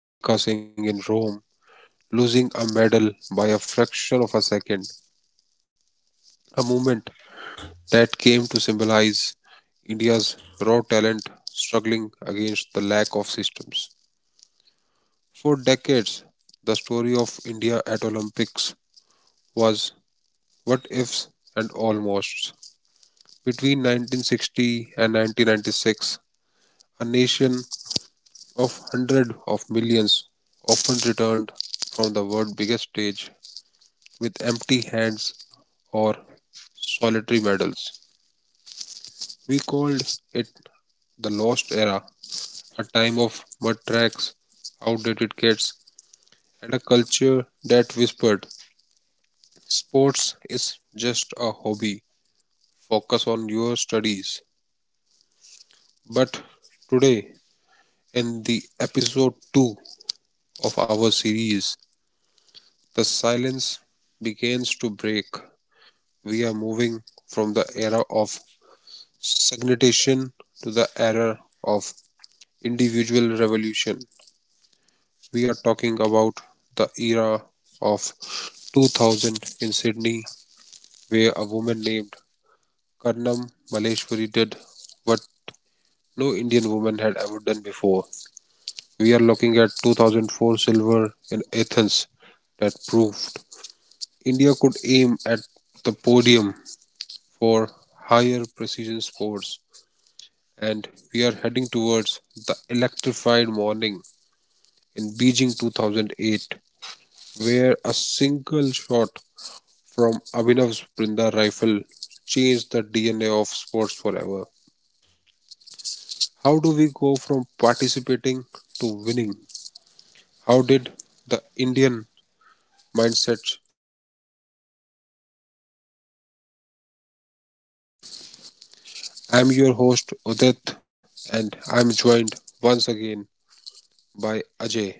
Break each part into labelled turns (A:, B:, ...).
A: of Milkha Singh in Rome, losing a medal by a fraction of a second, a moment that came to symbolize India's raw talent struggling against the lack of systems. For decades, the story of India at Olympics was what ifs and almosts. Between 1960 and 1996, a nation of hundreds of millions often returned from the world's biggest stage with empty hands or solitary medals. We called it the lost era, a time of mud tracks, outdated kits, and a culture that whispered, "Sports is just a hobby. Focus on your studies." But today, in the episode 2 of our series, the silence begins to break. We are moving from the era of stagnation to the era of individual revolution. We are talking about the era of 2000 in Sydney, where a woman named Karnam Maleshwari did what no Indian woman had ever done before. We are looking at 2004 silver in Athens that proved India could aim at the podium for higher precision sports, and we are heading towards the electrified morning in Beijing 2008, where a single shot from Abhinav's Brinda rifle changed the DNA of sports forever. How do we go from participating to winning? How did the Indian mindset
B: I'm your host Udit, and I'm joined once again by Ajay.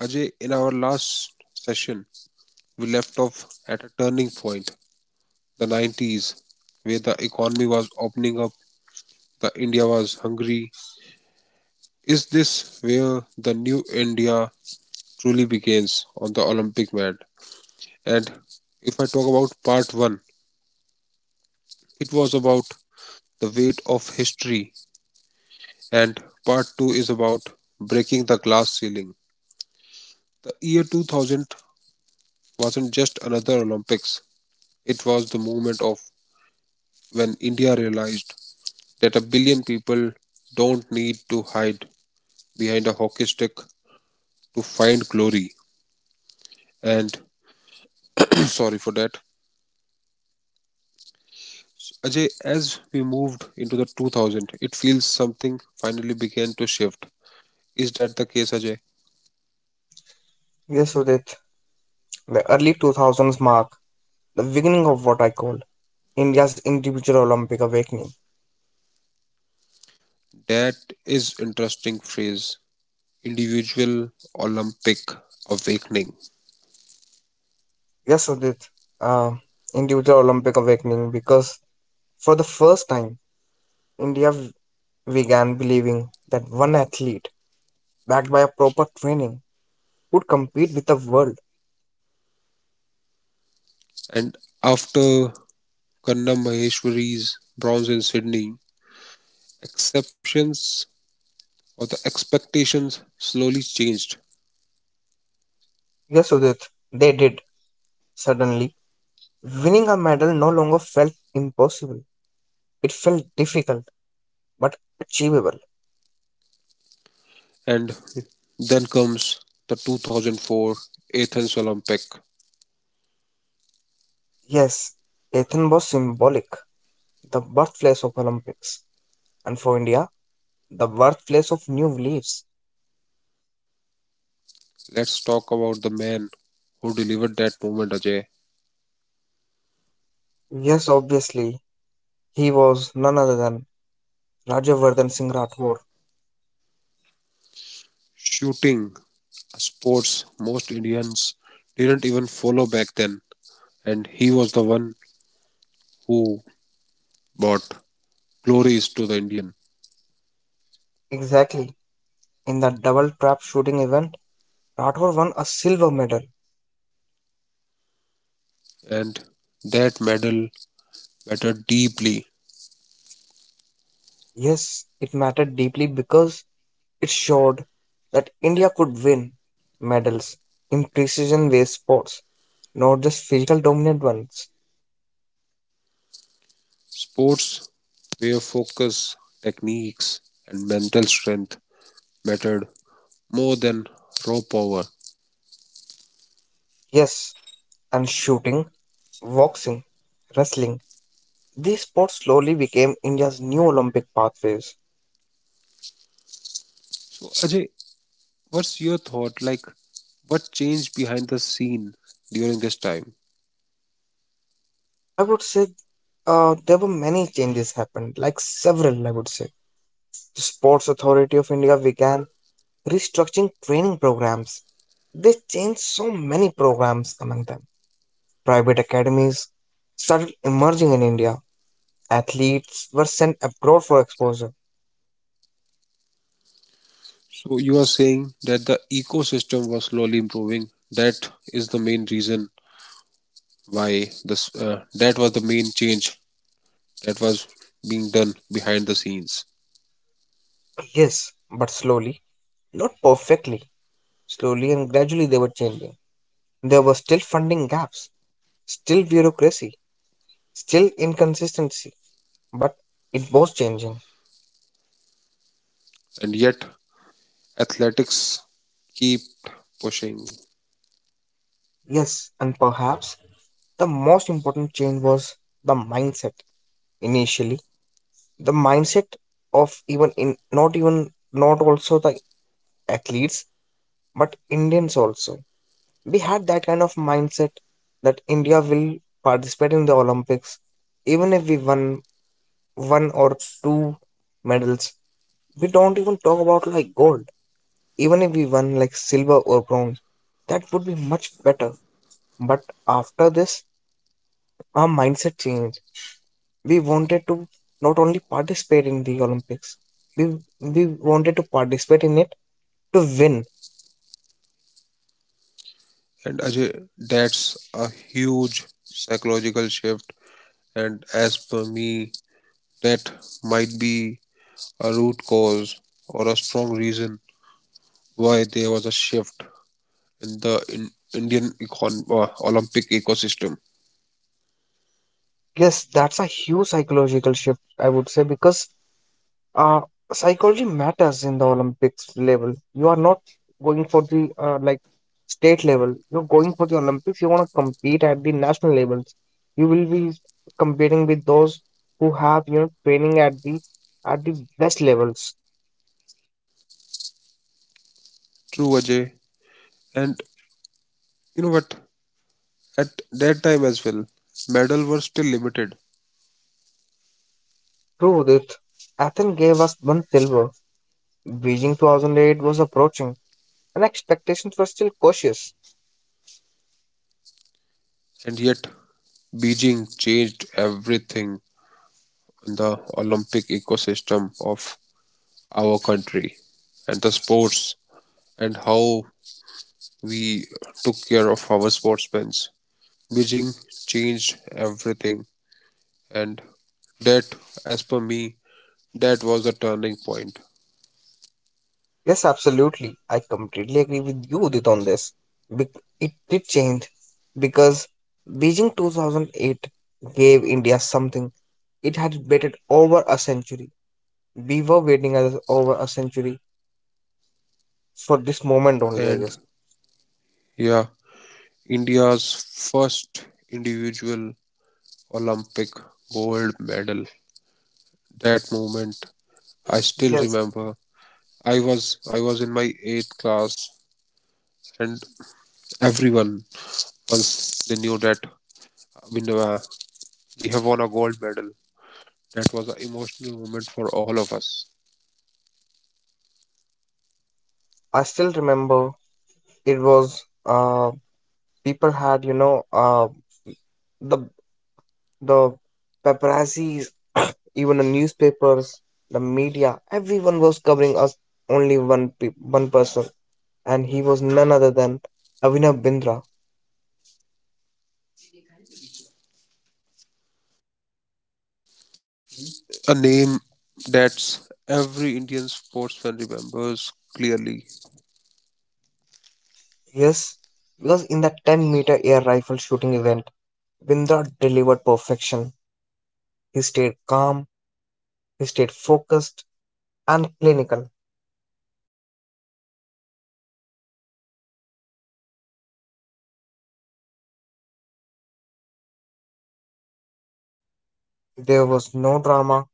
B: Ajay, in our last session, we left off at a turning point, the 90s, where the economy was opening up, the India was hungry. Is this where the new India truly begins on the Olympic mat? And if I talk about part 1, it was about the weight of history, and part 2 is about breaking the glass ceiling. The year 2000 wasn't just another Olympics, it was the moment of when India realized that a billion people don't need to hide behind a hockey stick to find glory. And sorry for that. Ajay, as we moved into the 2000, it feels something finally began to shift. Is that the case, Ajay?
C: Yes, Udit, the early 2000s mark the beginning of what I call India's individual Olympic awakening.
B: That is interesting phrase. Individual Olympic awakening.
C: Yes, Udit, uh, individual Olympic awakening because for the first time, India v- began believing that one athlete, backed by a proper training, could compete with the world.
B: And after Kanna Maheshwari's bronze in Sydney, exceptions or the expectations slowly changed.
C: Yes, Udit, they did. Suddenly, winning a medal no longer felt impossible. It felt difficult, but achievable.
B: And then comes the 2004 Athens Olympic.
C: Yes, Athens was symbolic, the birthplace of Olympics. And for India, the birthplace of new beliefs.
B: Let's talk about the man who delivered that moment, Ajay.
C: Yes, obviously, he was none other than Rajavardhan Singh Rathore.
B: Shooting, a sports most Indians didn't even follow back then, and he was the one who brought glories to the Indian.
C: Exactly. In that double trap shooting event, Rathore won a silver medal.
B: And that medal mattered deeply.
C: Yes, it mattered deeply because it showed that India could win medals in precision based sports, not just physical dominant ones.
B: Sports where focus, techniques, and mental strength mattered more than raw power.
C: Yes, and shooting, boxing, wrestling, these sports slowly became India's new Olympic pathways.
B: So, Ajay, what's your thought? Like, what changed behind the scene during this time?
C: I would say there were many changes happened, like several, I would say. The Sports Authority of India began restructuring training programs. They changed so many programs among them. Private academies started emerging in India. Athletes were sent abroad for exposure.
B: So, you are saying that the ecosystem was slowly improving. That is the main reason why this. That was the main change that was being done behind the scenes,
C: Yes, but slowly, not perfectly. Slowly and gradually, they were changing. There were still funding gaps, still bureaucracy, still inconsistency, but it was changing.
B: and yet athletics keep pushing.
C: Yes, and perhaps the most important change was the mindset initially. The mindset of even in not even not also the athletes but Indians also. We had that kind of mindset that India will participate in the Olympics even if we won one or two medals. We don't even talk about like gold. Even if we won like silver or bronze, that would be much better. But after this, our mindset changed. We wanted to not only participate in the Olympics, we we wanted to participate in it to win.
B: And Ajay, that's a huge psychological shift. And as per me, that might be a root cause or a strong reason why there was a shift in the in Indian Olympic ecosystem.
C: Yes, that's a huge psychological shift, I would say because uh psychology matters in the Olympics level. You are not going for the like state level, you're going for the Olympics. You want to compete at the national levels, you will be competing with those who have, you know, training at the best levels.
B: True, Ajay. And you know what? At that time as well, medals were still limited,
C: True that. Athens gave us one silver. Beijing 2008 was approaching, and expectations were still cautious.
B: and yet Beijing changed everything in the Olympic ecosystem of our country and the sports and how we took care of our sportsmen. Beijing changed everything. And that, as per me, that was a turning point.
C: Yes, absolutely. I completely agree with you, Udit, on this. It did change because Beijing 2008 gave India something it had waited over a century. We were over a century for this moment only, I
B: And
C: guess.
B: yeah, India's first individual Olympic gold medal. That moment, I still
C: Yes,
B: remember. I was in my eighth class, and everyone once they knew that we know, we have won a gold medal. That was an emotional moment for all of us.
C: yes, Sudit. I still remember it was people had, you know, the the paparazzi, even the newspapers, the media, everyone was covering us only one person, and he was none other than Abhinav Bindra.
B: A name that every Indian sportsman remembers clearly.
C: Yes, because in that 10-meter air rifle shooting event, Bindra delivered perfection. He stayed calm, he stayed focused and clinical. There was no drama,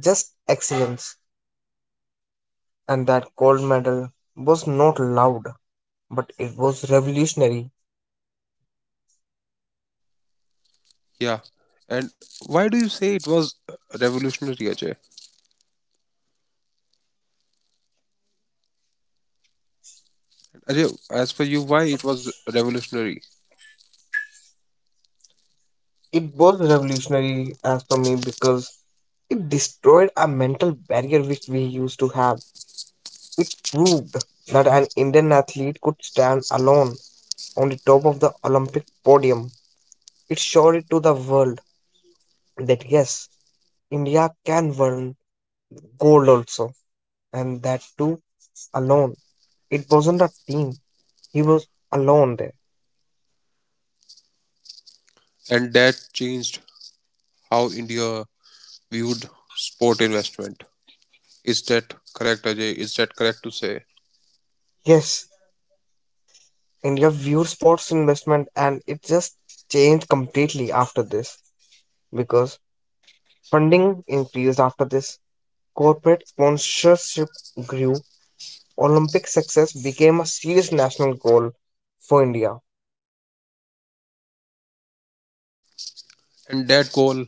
C: just excellence. And that gold medal was not loud, but it was revolutionary.
B: Yeah. And why do you say it was revolutionary, Ajay? Ajay, as for you, why it was revolutionary?
C: It was revolutionary as for me because it destroyed a mental barrier which we used to have. It proved that an Indian athlete could stand alone on the top of the Olympic podium. It showed it to the world that yes, India can win gold also, and that too alone. It wasn't a team, he was alone there.
B: And that changed how India viewed sport investment. Is that correct, Ajay? Is that correct to say?
C: Yes, India viewed sports investment and it just changed completely after this because funding increased after this, corporate sponsorship grew, Olympic success became a serious national goal for India.
B: And that goal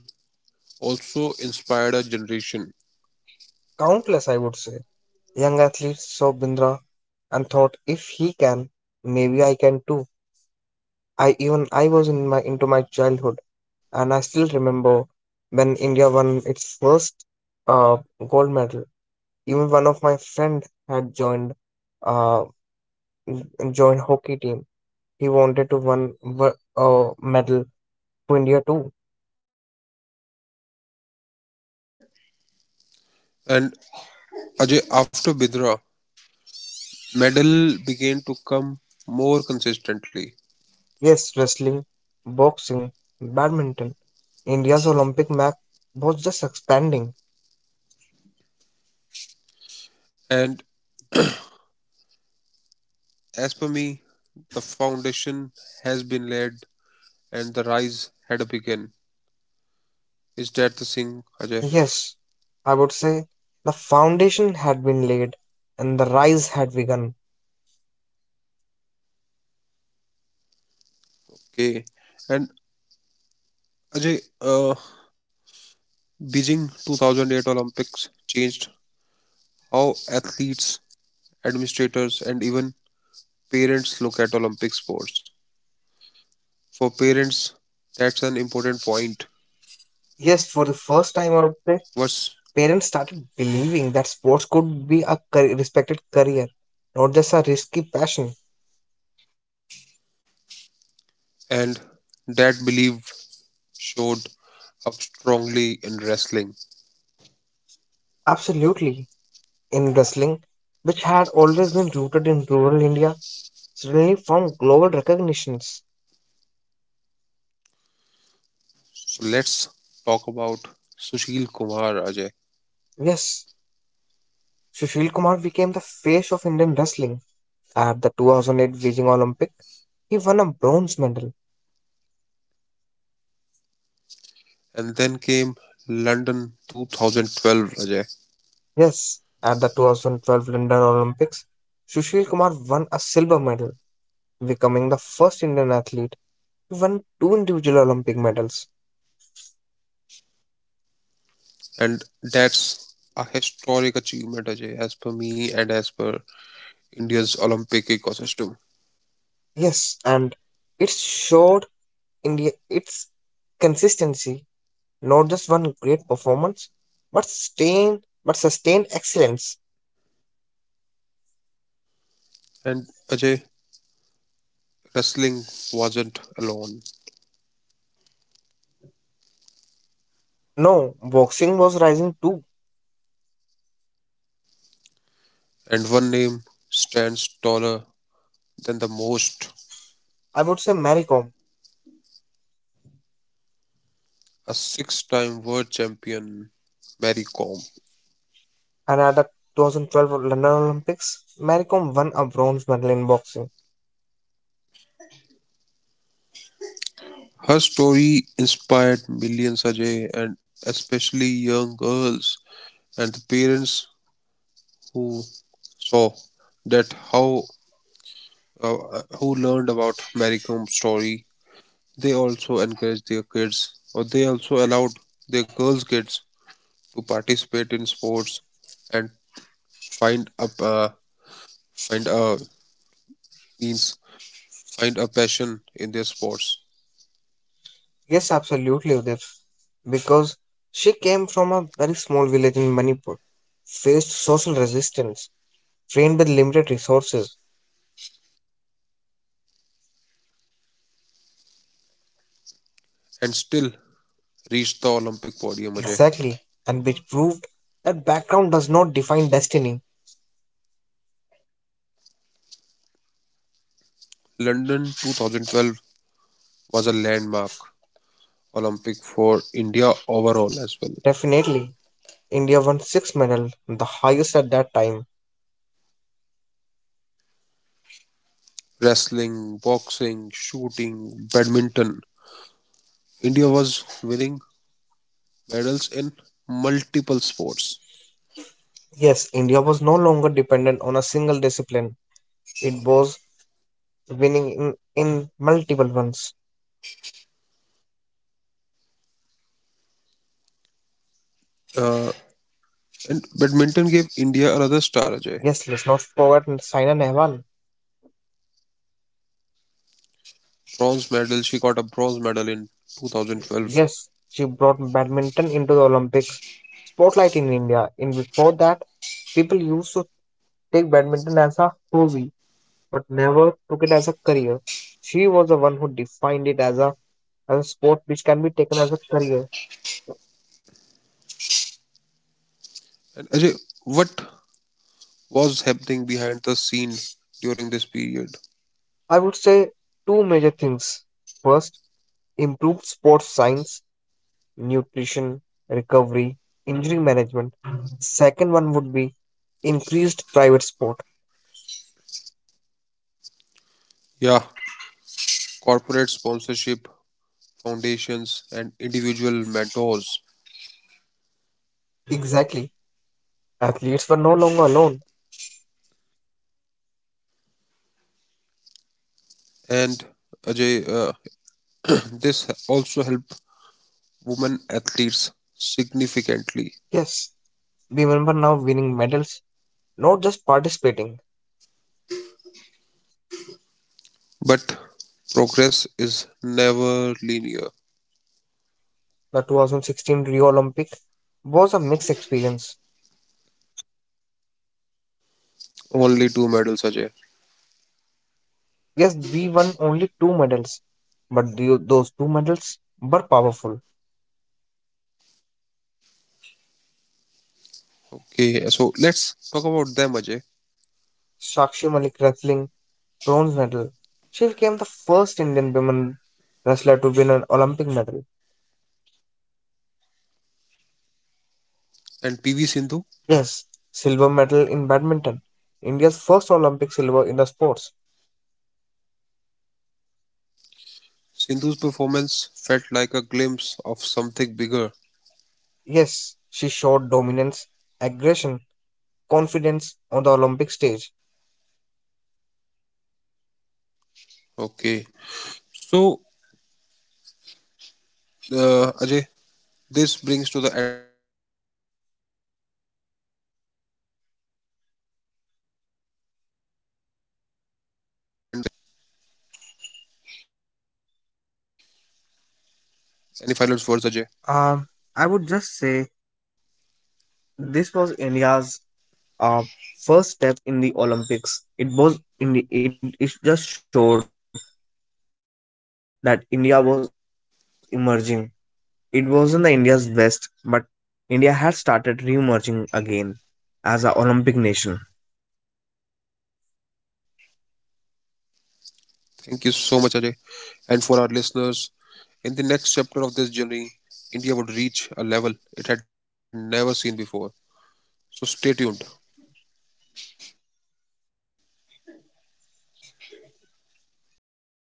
B: also inspired a generation.
C: Countless, I would say. Young athletes saw Bindra and thought, if he can, maybe I can too. I was in my childhood and I still remember when India won its first uh, gold medal. Even one of my friend had uh, joined hockey team. He wanted to a medal to India too.
B: And Ajay, after Bidra, medal began to come more consistently.
C: Yes, wrestling, boxing, badminton. India's Olympic map was just expanding.
B: And as per me, the foundation has been laid and the rise had begun. Is that the thing, Ajay?
C: Yes, I would say the foundation had been laid and the rise had begun.
B: Okay. And Ajay, Beijing 2008 Olympics changed how athletes, administrators, and even parents look at Olympic sports. For parents, that's an important point.
C: Yes, for the first time, I would say
B: Was.
C: parents started believing that sports could be respected career, not just a risky passion.
B: And that belief showed up strongly in wrestling.
C: Absolutely. In wrestling, which had always been rooted in rural India, suddenly found global recognitions.
B: So let's talk about Sushil Kumar Ajay.
C: Yes, Sushil Kumar became the face of Indian wrestling at the 2008 Beijing Olympic. He won a bronze medal.
B: And then came London 2012 Ajay.
C: Yes, at the 2012 London Olympics, Sushil Kumar won a silver medal, becoming the first Indian athlete to win two individual Olympic medals.
B: And that's a historic achievement, Ajay, as per me and as per India's Olympic ecosystem.
C: Yes, and it showed India its consistency, not just one great performance, but sustain but sustained excellence.
B: And Ajay, wrestling wasn't alone.
C: No, boxing was rising too.
B: And one name stands taller than the most,
C: I would say Mary.
B: a six time world champion, Mary Kom.
C: And at the 2012 London Olympics, Maricom won a bronze medal in boxing.
B: Her story inspired millions, Ajay, and especially young girls and the parents who saw that how who learned about Mary Kom's story, they also encourage their kids or they also allowed their girls kids to participate in sports, and find a find a means, find a passion in their sports,
C: Yes, absolutely, Udit. Because she came from a very small village in Manipur, faced social resistance, trained with limited resources.
B: and still reach the Olympic podium, Ajay.
C: Exactly. And which proved that background does not define destiny.
B: London 2012 was a landmark Olympic for India overall as well.
C: Definitely. India won six medals, the highest at that time.
B: Wrestling, boxing, shooting, badminton, India was winning medals in multiple sports.
C: Yes, India was no longer dependent on a single discipline. It was winning in multiple ones.
B: uh, And badminton gave India another star, Ajay.
C: Yes, let's not forget Saina Nehwal.
B: Bronze medal. She got a bronze medal in 2012.
C: Yes, she brought badminton into the Olympics spotlight in India. In before that, people used to take badminton as a hobby, but never took it as a career. She was the one who defined it as a sport which can be taken as a career.
B: And Ajay, what was happening behind the scene during this period?
C: I would say two major things. First, improved sports science, nutrition, recovery, injury management. Second one would be increased private sport.
B: Yeah, corporate sponsorship, foundations, and individual mentors.
C: Exactly. Athletes were no longer alone.
B: And Ajay, this also helped women athletes significantly.
C: Yes. Women were now winning medals, not just participating.
B: But progress is never linear.
C: True, the 2016 Rio Olympic was a mixed experience.
B: Only two medals, Ajay.
C: Yes, we won only two medals, but those two medals were powerful.
B: Okay, so let's talk about them, Ajay.
C: Sakshi Malik wrestling bronze medal. She became the first Indian women wrestler to win an Olympic medal.
B: And PV Sindhu?
C: Yes, silver medal in badminton. India's first Olympic silver in the sport.
B: Sindhu's performance felt like a glimpse of something bigger.
C: Yes, she showed dominance, aggression, confidence on the Olympic stage.
B: Okay. So, Ajay, this brings to the end of our episode 2. Any final words which you want to say before we wrap up? Any final words, Ajay?
C: Um, I would just say this was India's uh, first step in the Olympics. It was in it just showed that India was emerging. It wasn't the India's best, but India had started re-emerging again as an Olympic nation.
B: Thank you so much, Ajay. And for our listeners, in the next chapter of this journey, India would reach a level it had never seen before. So, stay tuned.